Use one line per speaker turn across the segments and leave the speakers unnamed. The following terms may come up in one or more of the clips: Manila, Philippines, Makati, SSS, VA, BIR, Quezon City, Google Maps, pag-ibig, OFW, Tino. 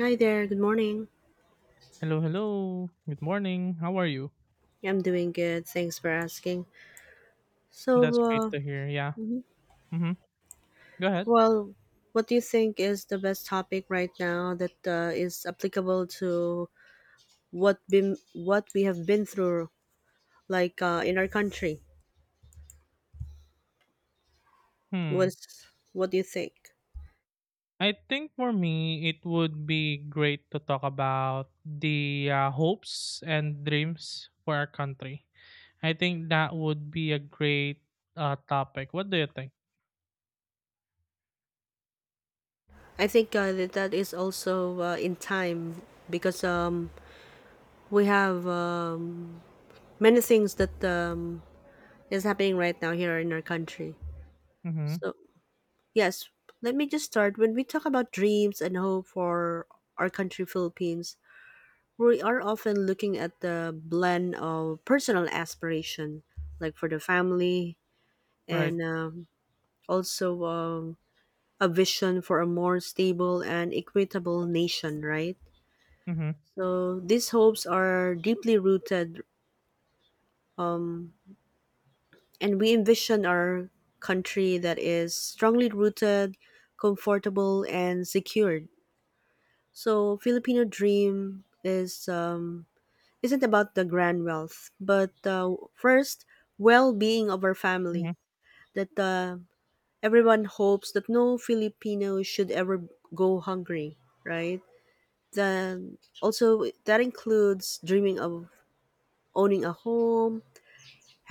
Hi there, good morning.
Hello, hello. Good morning. How are you?
I'm doing good, thanks for asking.
That's
So,
great
uh,
to hear. Yeah. Mm-hmm. Go ahead.
well, what do you think is the best topic right now that is applicable to what we have been through, like in our country?
Hmm.
What do you think?
I think for me, it would be great to talk about the hopes and dreams for our country. I think that would be a great topic. What do you think?
I think that is also in time because we have many things that is happening right now here in our country.
Mm-hmm.
So Yes, Let me just start. When we talk about dreams and hope for our country, Philippines, we are often looking at the blend of personal aspiration, like for the family,
Right.
and also a vision for a more stable and equitable nation, right?
Mm-hmm.
So these hopes are deeply rooted, um, and we envision our country that is strongly rooted, comfortable, and secured. So Filipino dream is isn't about the grand wealth, but first well-being of our
Mm-hmm.
family. That everyone hopes that no Filipino should ever go hungry, right? Then also that includes dreaming of owning a home,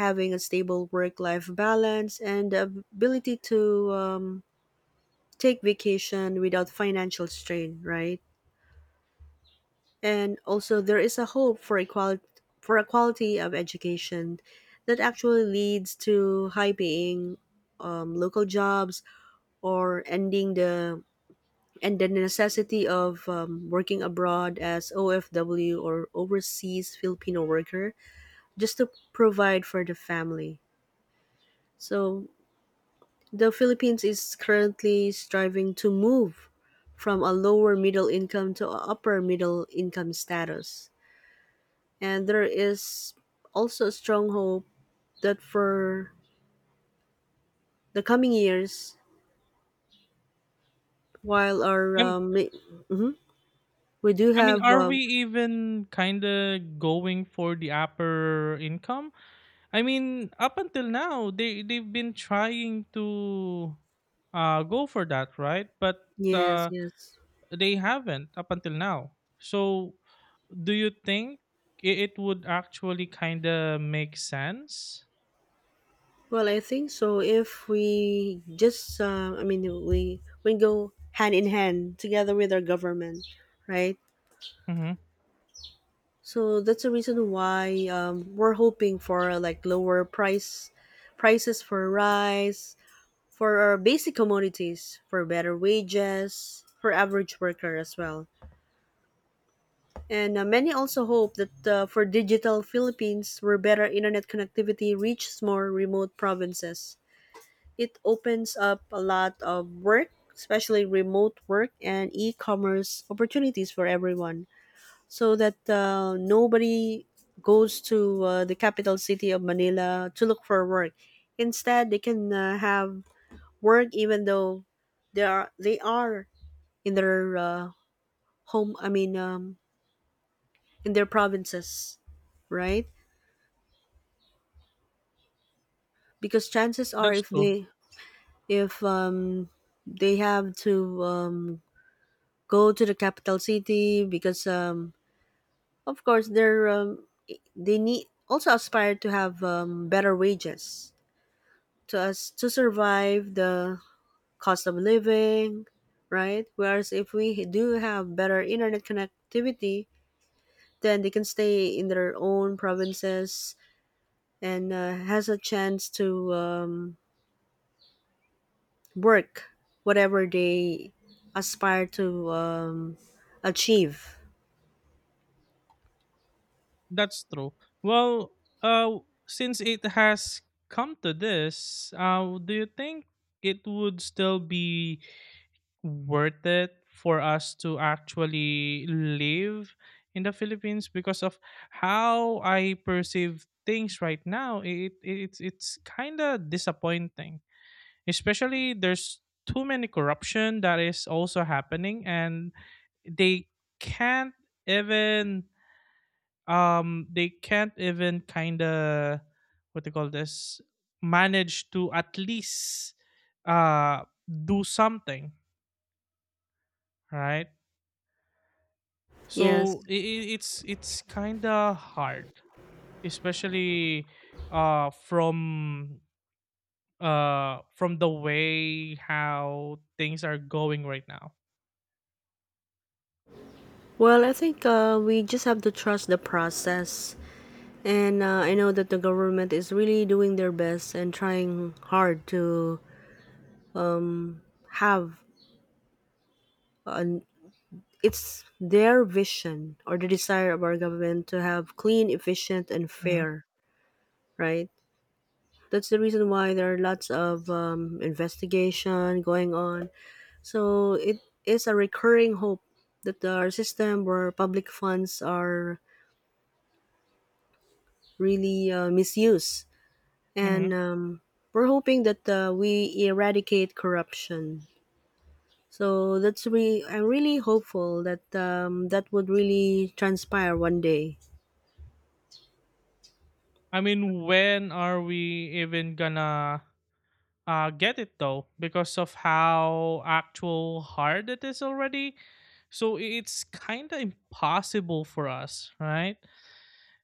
having a stable work-life balance, and the ability to take vacation without financial strain, right? And also, there is a hope for equality for a quality of education that actually leads to high paying local jobs or ending the necessity of working abroad as OFW or overseas Filipino worker just to provide for the family. So the Philippines is currently striving to move from a lower middle income to a upper middle income status. And there is also strong hope that for the coming years, while our mhm, we do
I mean,
have
are we even kind of going for the upper income? I mean, up until now, they've been trying to go for that, right? But
yes,
uh,
yes.
they haven't up until now. So, do you think it would actually kind of make sense?
Well, I think so. If we just, I mean, we go hand in hand together with our government, right?
Hmm.
So that's the reason why we're hoping for like lower prices for rice, for our basic commodities, for better wages, for average worker as well. And many also hope that for digital Philippines, where better internet connectivity reaches more remote provinces. It opens up a lot of work, especially remote work and e commerce opportunities for everyone, so that nobody goes to the capital city of Manila to look for work. Instead, they can have work even though they are in their I mean, in their provinces, right? Because chances are,
That's true.
if they have to go to the capital city, because of course they need also aspire to have better wages to us to survive the cost of living, right? Whereas if we do have better internet connectivity, then they can stay in their own provinces and has a chance to work whatever they aspire to achieve.
That's true. Well, uh, since it has come to this, do you think it would still be worth it for us to actually live in the Philippines because of how I perceive things right now. It's kind of disappointing, especially there's too many corruption that is also happening, and they can't even they can't even kind of, what they call this, manage to at least uh do something right,
Yes.
so it's kind of hard, especially uh from from the way how things are going right now.
Well, I think we just have to trust the process. And I know that the government is really doing their best and trying hard to have an it's their vision or the desire of our government to have clean, efficient, and
Hmm.
fair, right? That's the reason why there are lots of investigation going on. So it is a recurring hope that our system where public funds are really misused.
Hmm.
And we're hoping that we eradicate corruption. So I'm really hopeful that that would really transpire one day.
I mean, when are we even gonna get it though, because of how actual hard it is already, so it's kind of impossible for us, right?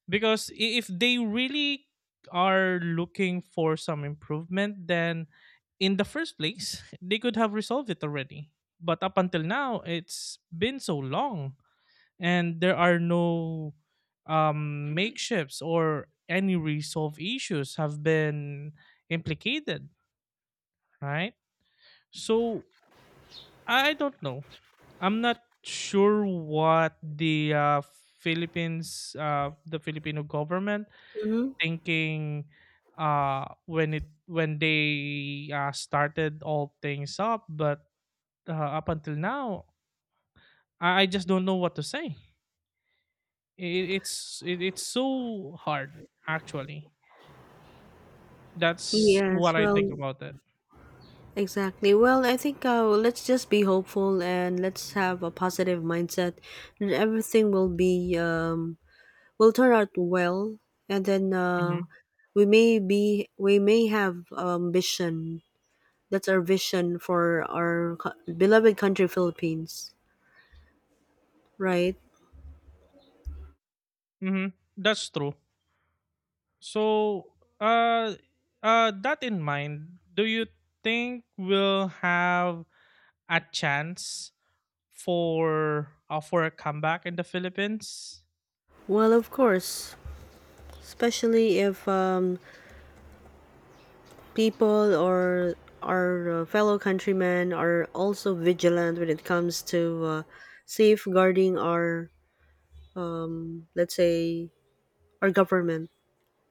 Because if they really are looking for some improvement, then in the first place they could have resolved it already. But up until now, it's been so long, and there are no makeshifts or any resolved issues have been implicated, right? So I don't know, I'm not sure what the Philippines, the Filipino government
Mm-hmm.
thinking when they started all things up. But up until now, I just don't know what to say. It's so hard, actually. That's
Yes,
what I
well,
think about it.
exactly. Well, I think let's just be hopeful and let's have a positive mindset, and everything will be will turn out well and then
Hmm.
we may have ambition. That's our vision for our beloved country Philippines, right?
Hmm. That's true. So, uh, that in mind, do you think we'll have a chance for a comeback in the Philippines?
Well, of course, especially if people or our fellow countrymen are also vigilant when it comes to safeguarding our, let's say, our government,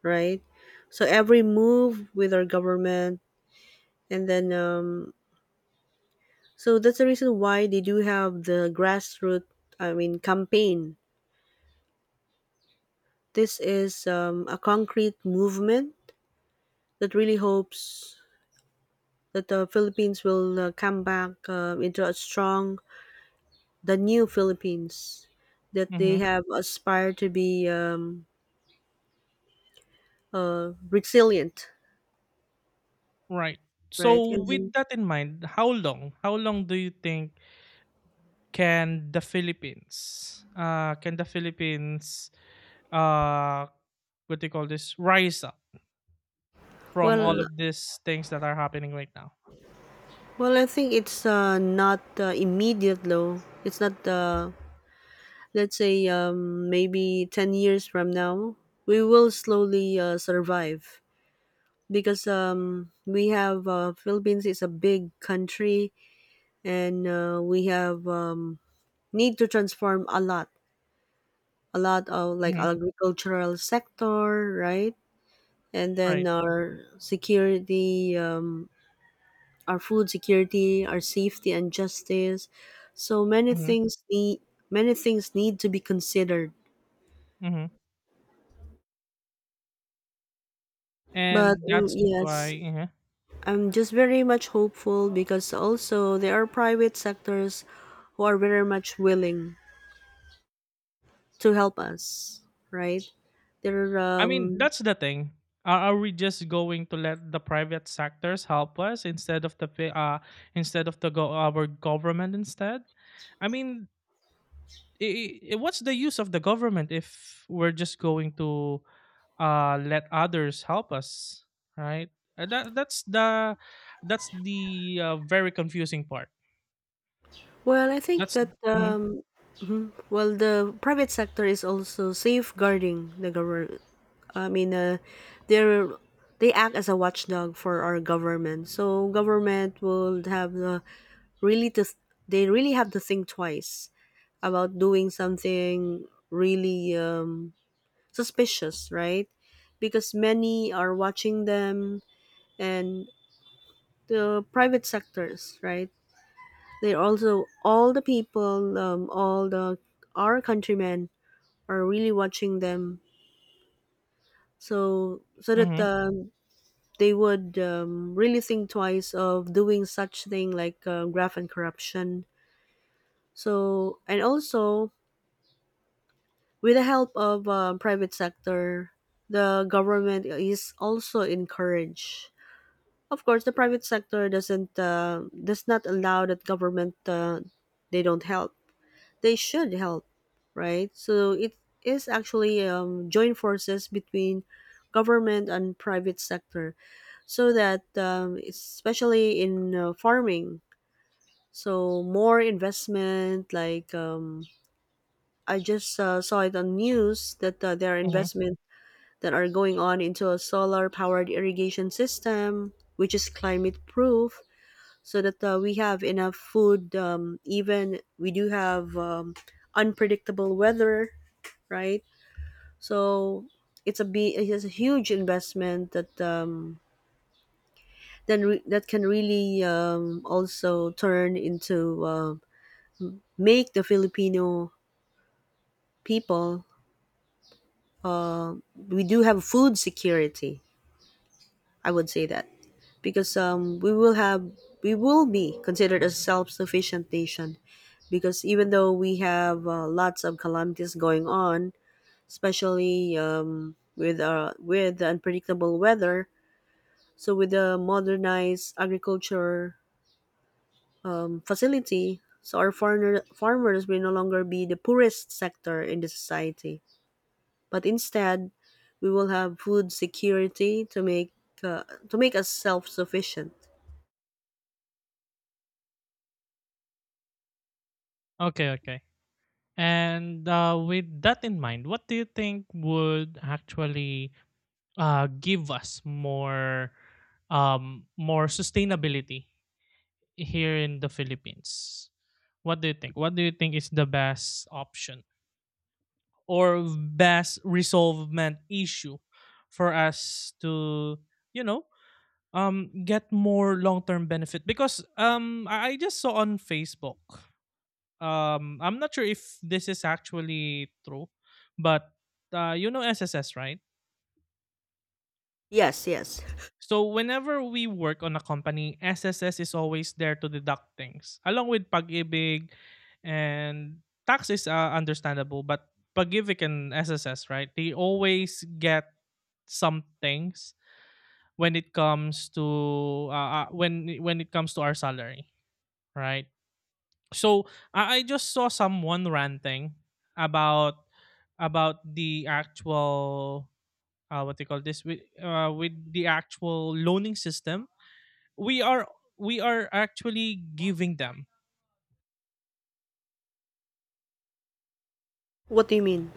right? So every move with our government and then that's the reason why they do have the grassroots, I mean, campaign. This is a concrete movement that really hopes that the Philippines will come back into a strong, the new Philippines that they
Mm-hmm.
have aspired to be resilient,
Right.
right?
So,
And then,
with that in mind, how long? How long do you think can the Philippines, uh, what do you call this, rise up from all
well,
of these things that are happening right now?
well, I think it's not immediate though. It's not Let's say maybe 10 years from now, we will slowly survive because we have Philippines is a big country and we have need to transform a lot of like
Mm-hmm.
agricultural sector, right? And then
Right.
our security, our food security, our safety and justice. So
Mm-hmm.
many things need to be considered.
Mm-hmm.
But
And that's
yes,
why. Mhm.
I'm just very much hopeful because also there are private sectors who are very much willing to help us, right? There are,
I mean, that's the thing. Are we just going to let the private sectors help us instead of the fi- instead of the go- our government instead? I mean, I what's the use of the government if we're just going to let others help us, right? Uh, That that's the that's the very confusing part.
well, I think
That's.
that,
Mhm.
mhm, well, the private sector is also safeguarding the government. I mean, they're, they act as a watchdog for our government. So government will have the really to, th- they really have to think twice about doing something really suspicious, right? Because many are watching them and the private sectors, right? They're also all the people, all the our countrymen are really watching them, so that
Mhm.
they would really think twice of doing such thing like graft and corruption. So and also with the help of private sector, the government is also encouraged. Of course, the private sector does not allow that government they don't help. They should help, right? So it is actually joint forces between government and private sector, so that especially in farming, so more investment. Like I just saw it on news that there are
Mhm.
investments that are going on into a solar powered irrigation system, which is climate proof, so that we have enough food even we do have unpredictable weather, right? So it's a huge investment that that can really also turn into make the Filipino people we do have food security I would say that, because we will be considered a self-sufficient nation, because even though we have lots of calamities going on, especially with the unpredictable weather, so with the modernized agriculture facility, so our farmers will no longer be the poorest sector in the society, but instead, we will have food security uh, to make us self-sufficient.
Okay, okay. And with that in mind, what do you think would actually give us more, more sustainability here in the Philippines. What do you think? What do you think is the best option or best resolvement issue for us to, you know get more long term benefit? Because I just saw on Facebook. I'm not sure if this is actually true, but you know SSS, right?
Yes, yes.
So whenever we work on a company, SSS is always there to deduct things, along with pag-ibig, and tax is understandable, but pag-ibig and SSS, right? They always get some things when it comes to, when it comes to our salary, right? So I just saw someone ranting about, the actual, what they call this, with, the actual loaning system we are we are actually giving them.
What do you mean?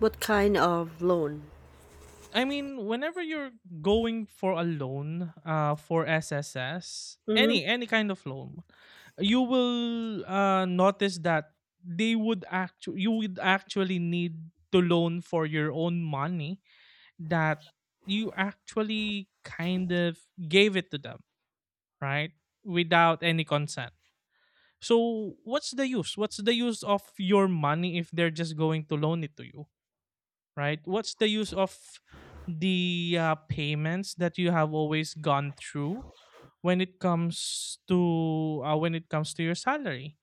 What kind of loan?
I mean, whenever you're going for a loan, for SSS,
Hmm.
any kind of loan, you will notice that they would actually you would actually need to loan for your own money that you actually kind of gave it to them, right, without any consent. So what's the use, of your money if they're just going to loan it to you, right? What's the use of the payments that you have always gone through when it comes to, when it comes to your salary?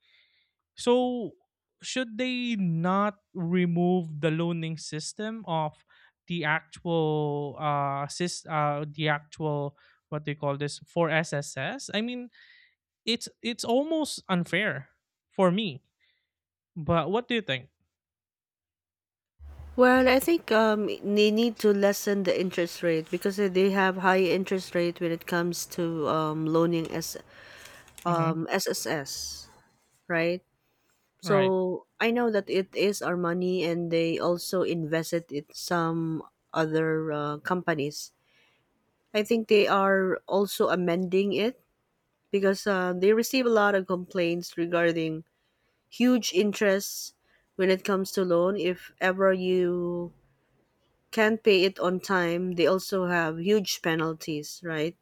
So should they not remove the loaning system of the actual, what they call this, for SSS? I mean, it's almost unfair for me. But what do you think?
Well, I think they need to lessen the interest rate because they have high interest rate when it comes to loaning S
Mm-hmm.
SSS, right?
Right.
So I know that it is our money, and they also invest it in some other companies. I think they are also amending it because they receive a lot of complaints regarding huge interest when it comes to loan. If ever you can't pay it on time, they also have huge penalties, right?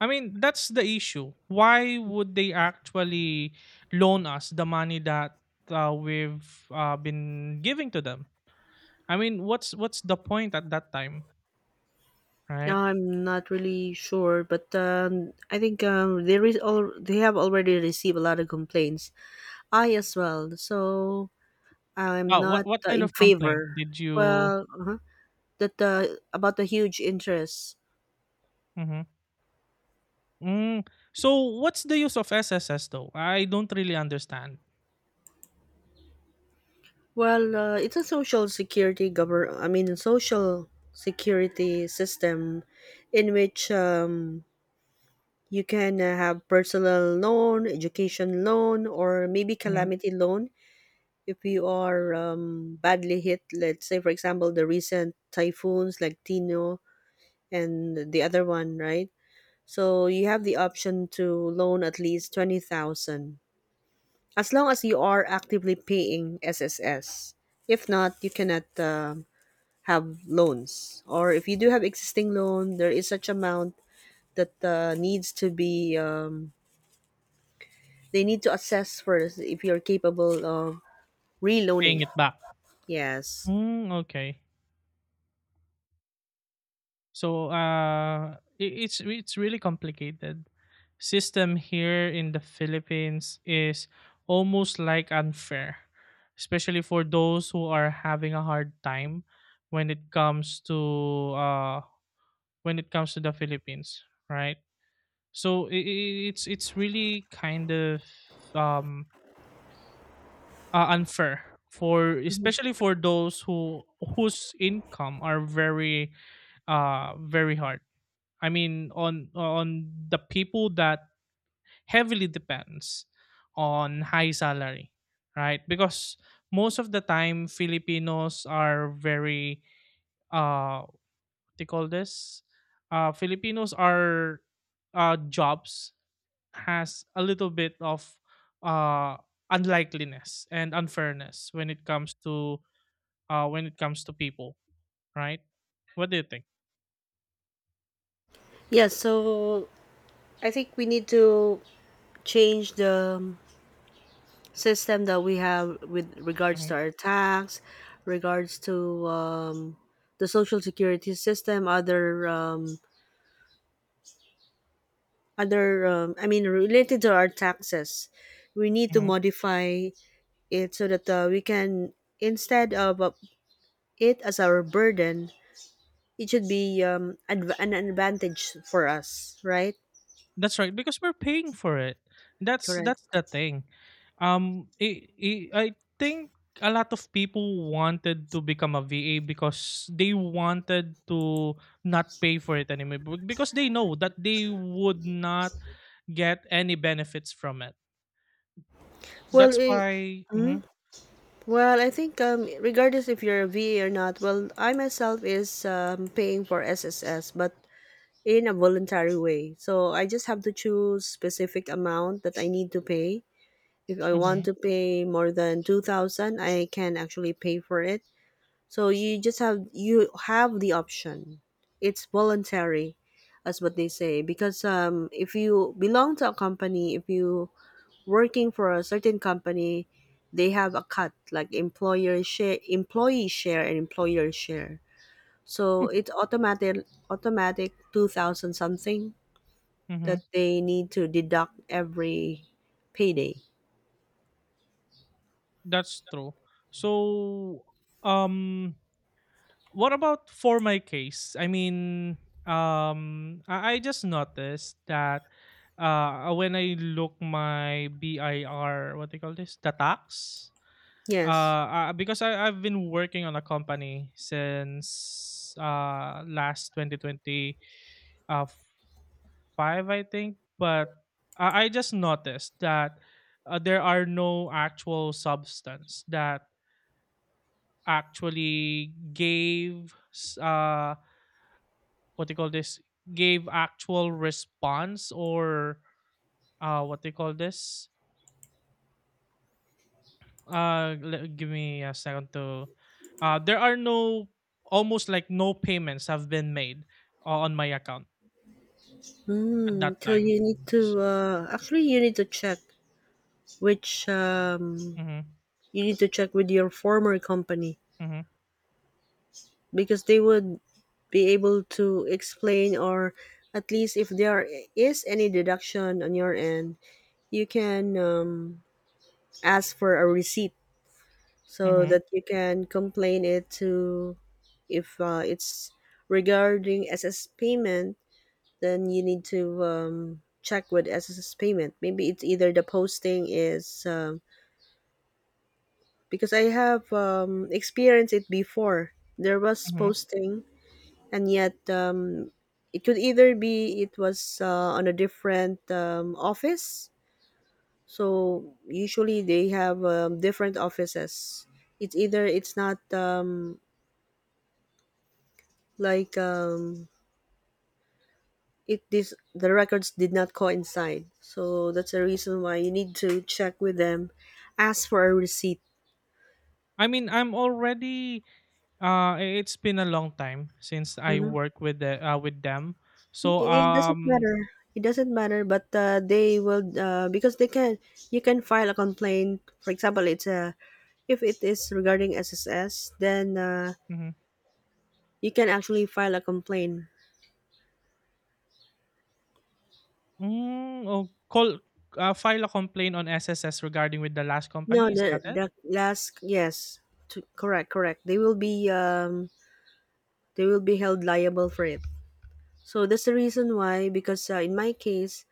I mean, that's the issue. Why would they actually loan us the money that we've been giving to them? I mean, what's the point at that time,
Now
right?
I'm not really sure, but I think there is all they have already received a lot of complaints, I as well, so I'm
Oh, what
not
what kind
in
of complaint
favor.
did you?
Well that About the huge interest.
Mm-hmm. Mm. So what's the use of SSS though? I don't really understand.
Well, it's a social security govern. I mean, social security system, in which you can have personal loan, education loan, or maybe
Mhm.
calamity loan if you are badly hit. Let's say, for example, the recent typhoons like Tino and the other one, right? So you have the option to loan at least 20,000, as long as you are actively paying SSS. If not, you cannot. Have loans. Or if you do have existing loan, there is such amount that needs to be they need to assess first if you're capable of
Paying
reloaning.
it back.
Yes.
Mm, okay. So it's really complicated. System here in the Philippines is almost like unfair, especially for those who are having a hard time when it comes to, uh, when it comes to the Philippines, right? So it's really kind of, um, unfair for,
Mhm.
especially for those who, whose income are very, hard. I mean, on, the people that heavily depends on high salary, right? Because most of the time, Filipinos are very, uh, what they call this. Filipinos are, jobs has a little bit of, uh, unlikeliness and unfairness when it comes to, when it comes to people, right? What do you think?
Yeah, so I think we need to change the system that we have with regards to
Mhm,
our tax, regards to the social security system, other other I mean related to our taxes. We need to
mhm.
modify it so that we can, instead of it as our burden, it should be an advantage for us, right?
That's right, because we're paying for it. That's
Correct.
that's the thing. I think a lot of people wanted to become a VA because they wanted to not pay for it anymore, because they know that they would not get any benefits from it.
well
That's
eh,
why. Hmm.
well I think regardless if you're a VA or not, well I myself is paying for SSS, but in a voluntary way, so I just have to choose specific amount that I need to pay. If I want
Hmm.
to pay more than 2000, I can actually pay for it. So you just have you have the option. It's voluntary, as what they say. Because if you belong to a company, if you working for a certain company, they have a cut like employer share, employee share, and employer share. So it's automatic, automatic 2,000 something that
Hmm.
they need to deduct every payday.
That's true. So, um, what about for my case? I mean, I just noticed that when I look my BIR, what they call this, the tax,
Yes.
because I've been working on a company since last 2020, uh, five, I think, but I just noticed that there are no actual substance that actually what they call this gave actual response, or what they call this, give me a second to, there are no almost like no payments have been made on my account at that
So
time.
you need to actually you need to check which
Mm-hmm.
you need to check with your former company
Mm-hmm.
because they would be able to explain, or at least if there is any deduction on your end, you can ask for a receipt so
Mm-hmm.
that you can complain it to if it's regarding SS payment, then you need to check with SSS payment. Maybe it's either the posting is because I have experienced it before. There was
Mm-hmm.
posting and yet it could either be it was on a different office. So usually they have different offices. It's either it's not like um, it this the records did not coincide, so that's the reason why you need to check with them, ask for a receipt.
I mean, I'm already, it's been a long time since I work with the with them, so.
It doesn't
Um
matter. It doesn't matter, but they will because they can. You can file a complaint. For example, it's a if it is regarding SSS, then
mhm.
you can actually file a complaint.
Mm, oh, call file a complaint on SSS regarding with the last
No,
company. Is
the
that it?
the last, yes, to, correct, correct. They will be, they will be held liable for it. So that's the reason why, because in my case,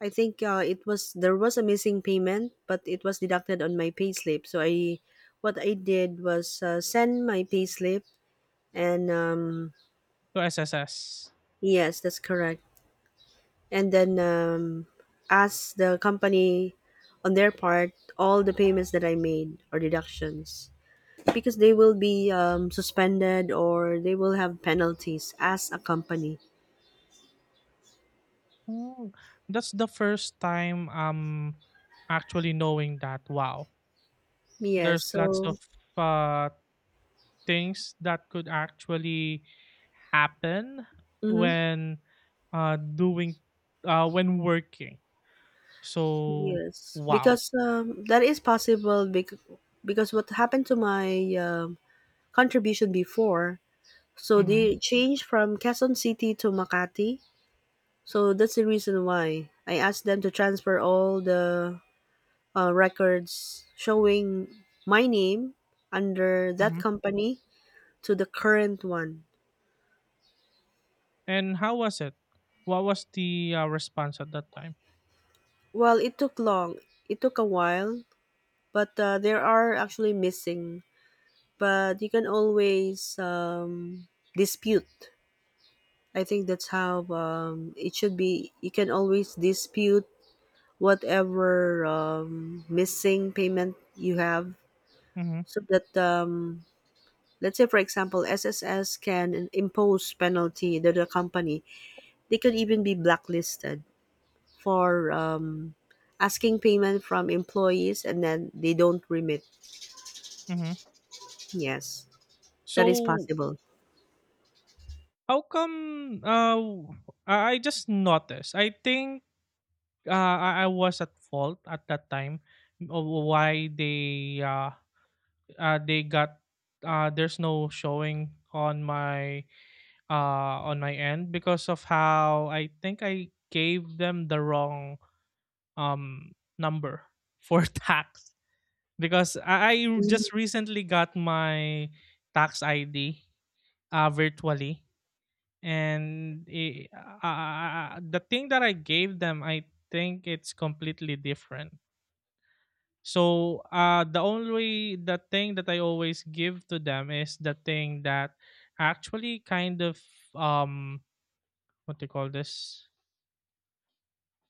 I think it was there was a missing payment, but it was deducted on my payslip. So I, what I did was send my payslip, and,
To SSS.
yes, that's correct. And then ask the company on their part all the payments that I made or deductions, because they will be suspended, or they will have penalties as a company.
Mm, that's the first time actually knowing that. Wow,
Yes.
there's lots
So.
of uh things that could actually happen
Mhm.
when, doing when working, so.
Yes,
Wow.
because that is possible because what happened to my contribution before, so
Hmm.
they changed from Quezon City to Makati. So that's the reason why I asked them to transfer all the records showing my name under that
Hmm.
company to the current one.
And how was it what was the response at that time.
Well, it took long. It took a while, but there are actually missing. But you can always dispute. I think that's how it should be. You can always dispute whatever missing payment you have,
Hmm.
so that let's say, for example, SSS can impose penalty to the company. They could even be blacklisted for asking payment from employees and then they don't remit.
Hmm.
Yes, that is
So,
possible.
how come w- I just noticed, I think I was at fault at that time of why they, they got there's no showing on my end because of how I think I gave them the wrong um number for tax, because I
Mm,
just recently got my tax ID virtually, and the thing that I gave them, I think it's completely different. So the thing that I always give to them is the thing that actually kind of, um what do you call this,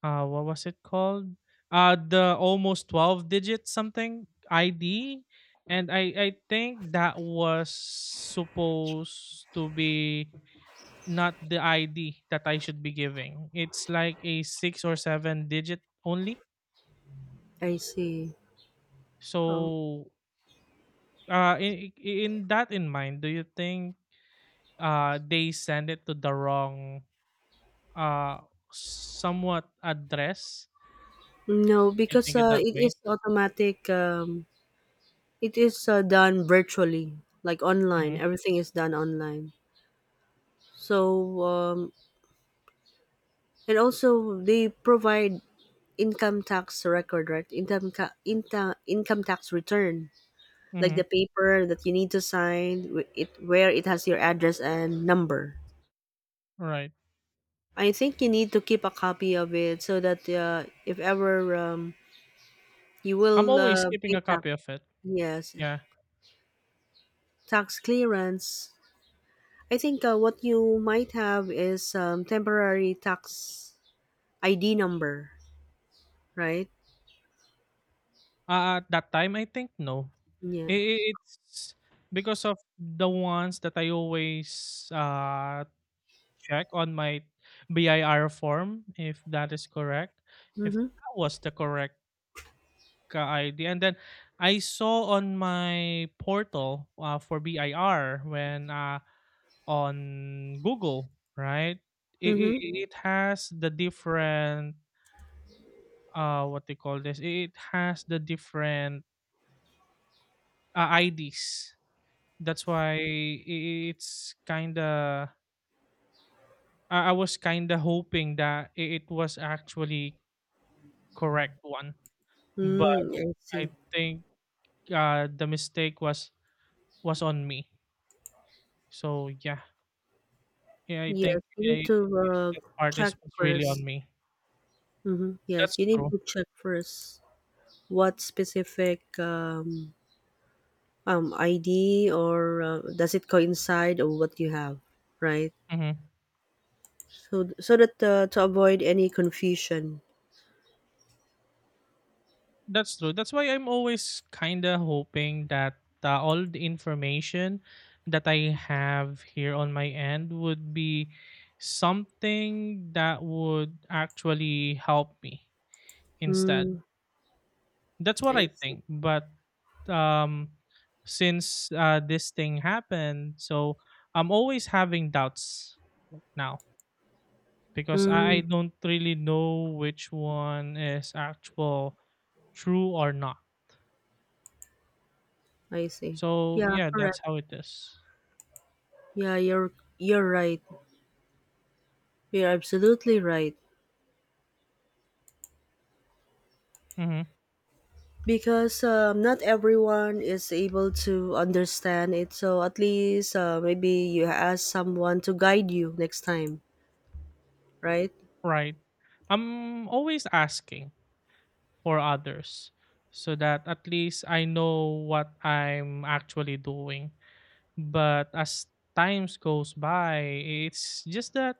what was it called, the almost 12 digit something ID. And I think that was supposed to be not the ID that I should be giving. It's like a six or seven digit only,
I see. Oh.
so. In that in mind, do you think they send it to the wrong uh somewhat address,
No,
you
because
think it that
it is
way?
automatic it is done virtually, like online.
Mm-hmm.
Everything is done online. So, and also they provide income tax record, right? Income, ca- income, income tax return, like
Mm-hmm.
the paper that you need to sign, wh- it where it has your address and number.
Right.
I think you need to keep a copy of it so that if ever you
I'm
will
always keeping
pay
a
tax,
copy of it.
yes,
Yeah.
tax clearance. I think what you might have is temporary tax ID number, right?
At that time, I think no.
Yeah.
I- It's because of the ones that I always check on my BIR form, if that is correct, if
Mm-hmm.
that was the correct ID. And then I saw on my portal for BIR when, on Google, right? It, it,
Mm-hmm.
it has the different, what they call this, it has the different IDs. That's why it's kind of, I was kind of hoping that it was actually correct one. But
Mm, I see.
I think the mistake was on me, so yeah, yeah, I
Yes,
think,
you
eh,
need to
that part
check
is was really on
first.
me.
Mm-hmm. Yes,
That's
you need
true.
to check first what specific ID, or does it coincide or what you have, right?
Mm-hmm.
So so that to avoid any confusion.
That's true. That's why I'm always kind of hoping that all the information that I have here on my end would be something that would actually help me instead.
Mm,
That's what
I
I
see.
think. But um, since this thing happened, so I'm always having doubts now, because I
Mm,
don't really know which one is actual true or not.
I see.
So
Yeah,
yeah,
correct.
that's how it is.
Yeah, you're right. You're absolutely right.
Mm-hmm.
Because not everyone is able to understand it, so at least maybe you ask someone to guide you next time, right?
Right. I'm always asking for others so that at least I know what I'm actually doing. But as times goes by, it's just that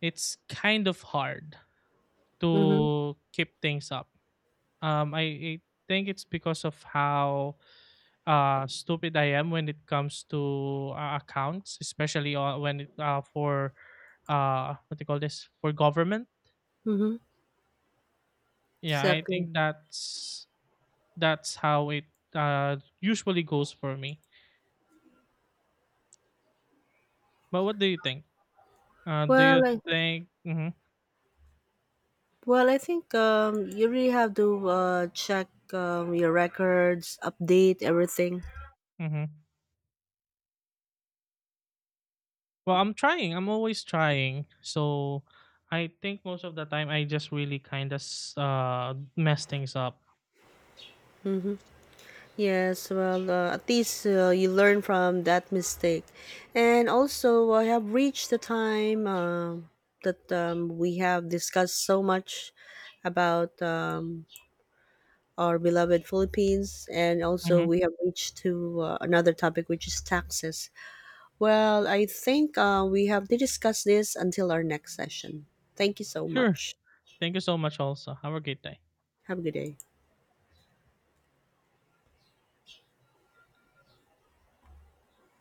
it's kind of hard
Mm-hmm.
to keep things up. I think it's because of how stupid I am when it comes to accounts, especially when it for what do you call this, for government.
Mm-hmm.
Yeah, I
Exactly.
think that's how it usually goes for me. But what do you think? Do you
Well, I,
think? Hmm.
well, I think you really have to check your records, update everything.
Hmm. Well, I'm trying. I'm always trying. So I think most of the time I just really kind of mess things up.
Mm-hmm. Yes, well, at least you learn from that mistake. And also, I have reached the time that we have discussed so much about our beloved Philippines, and also
Hmm.
we have reached to another topic, which is taxes. Well, I think we have to discuss this until our next session. Thank you so
Sure.
much.
Thank you so much. Also, have a great day.
Have a good day.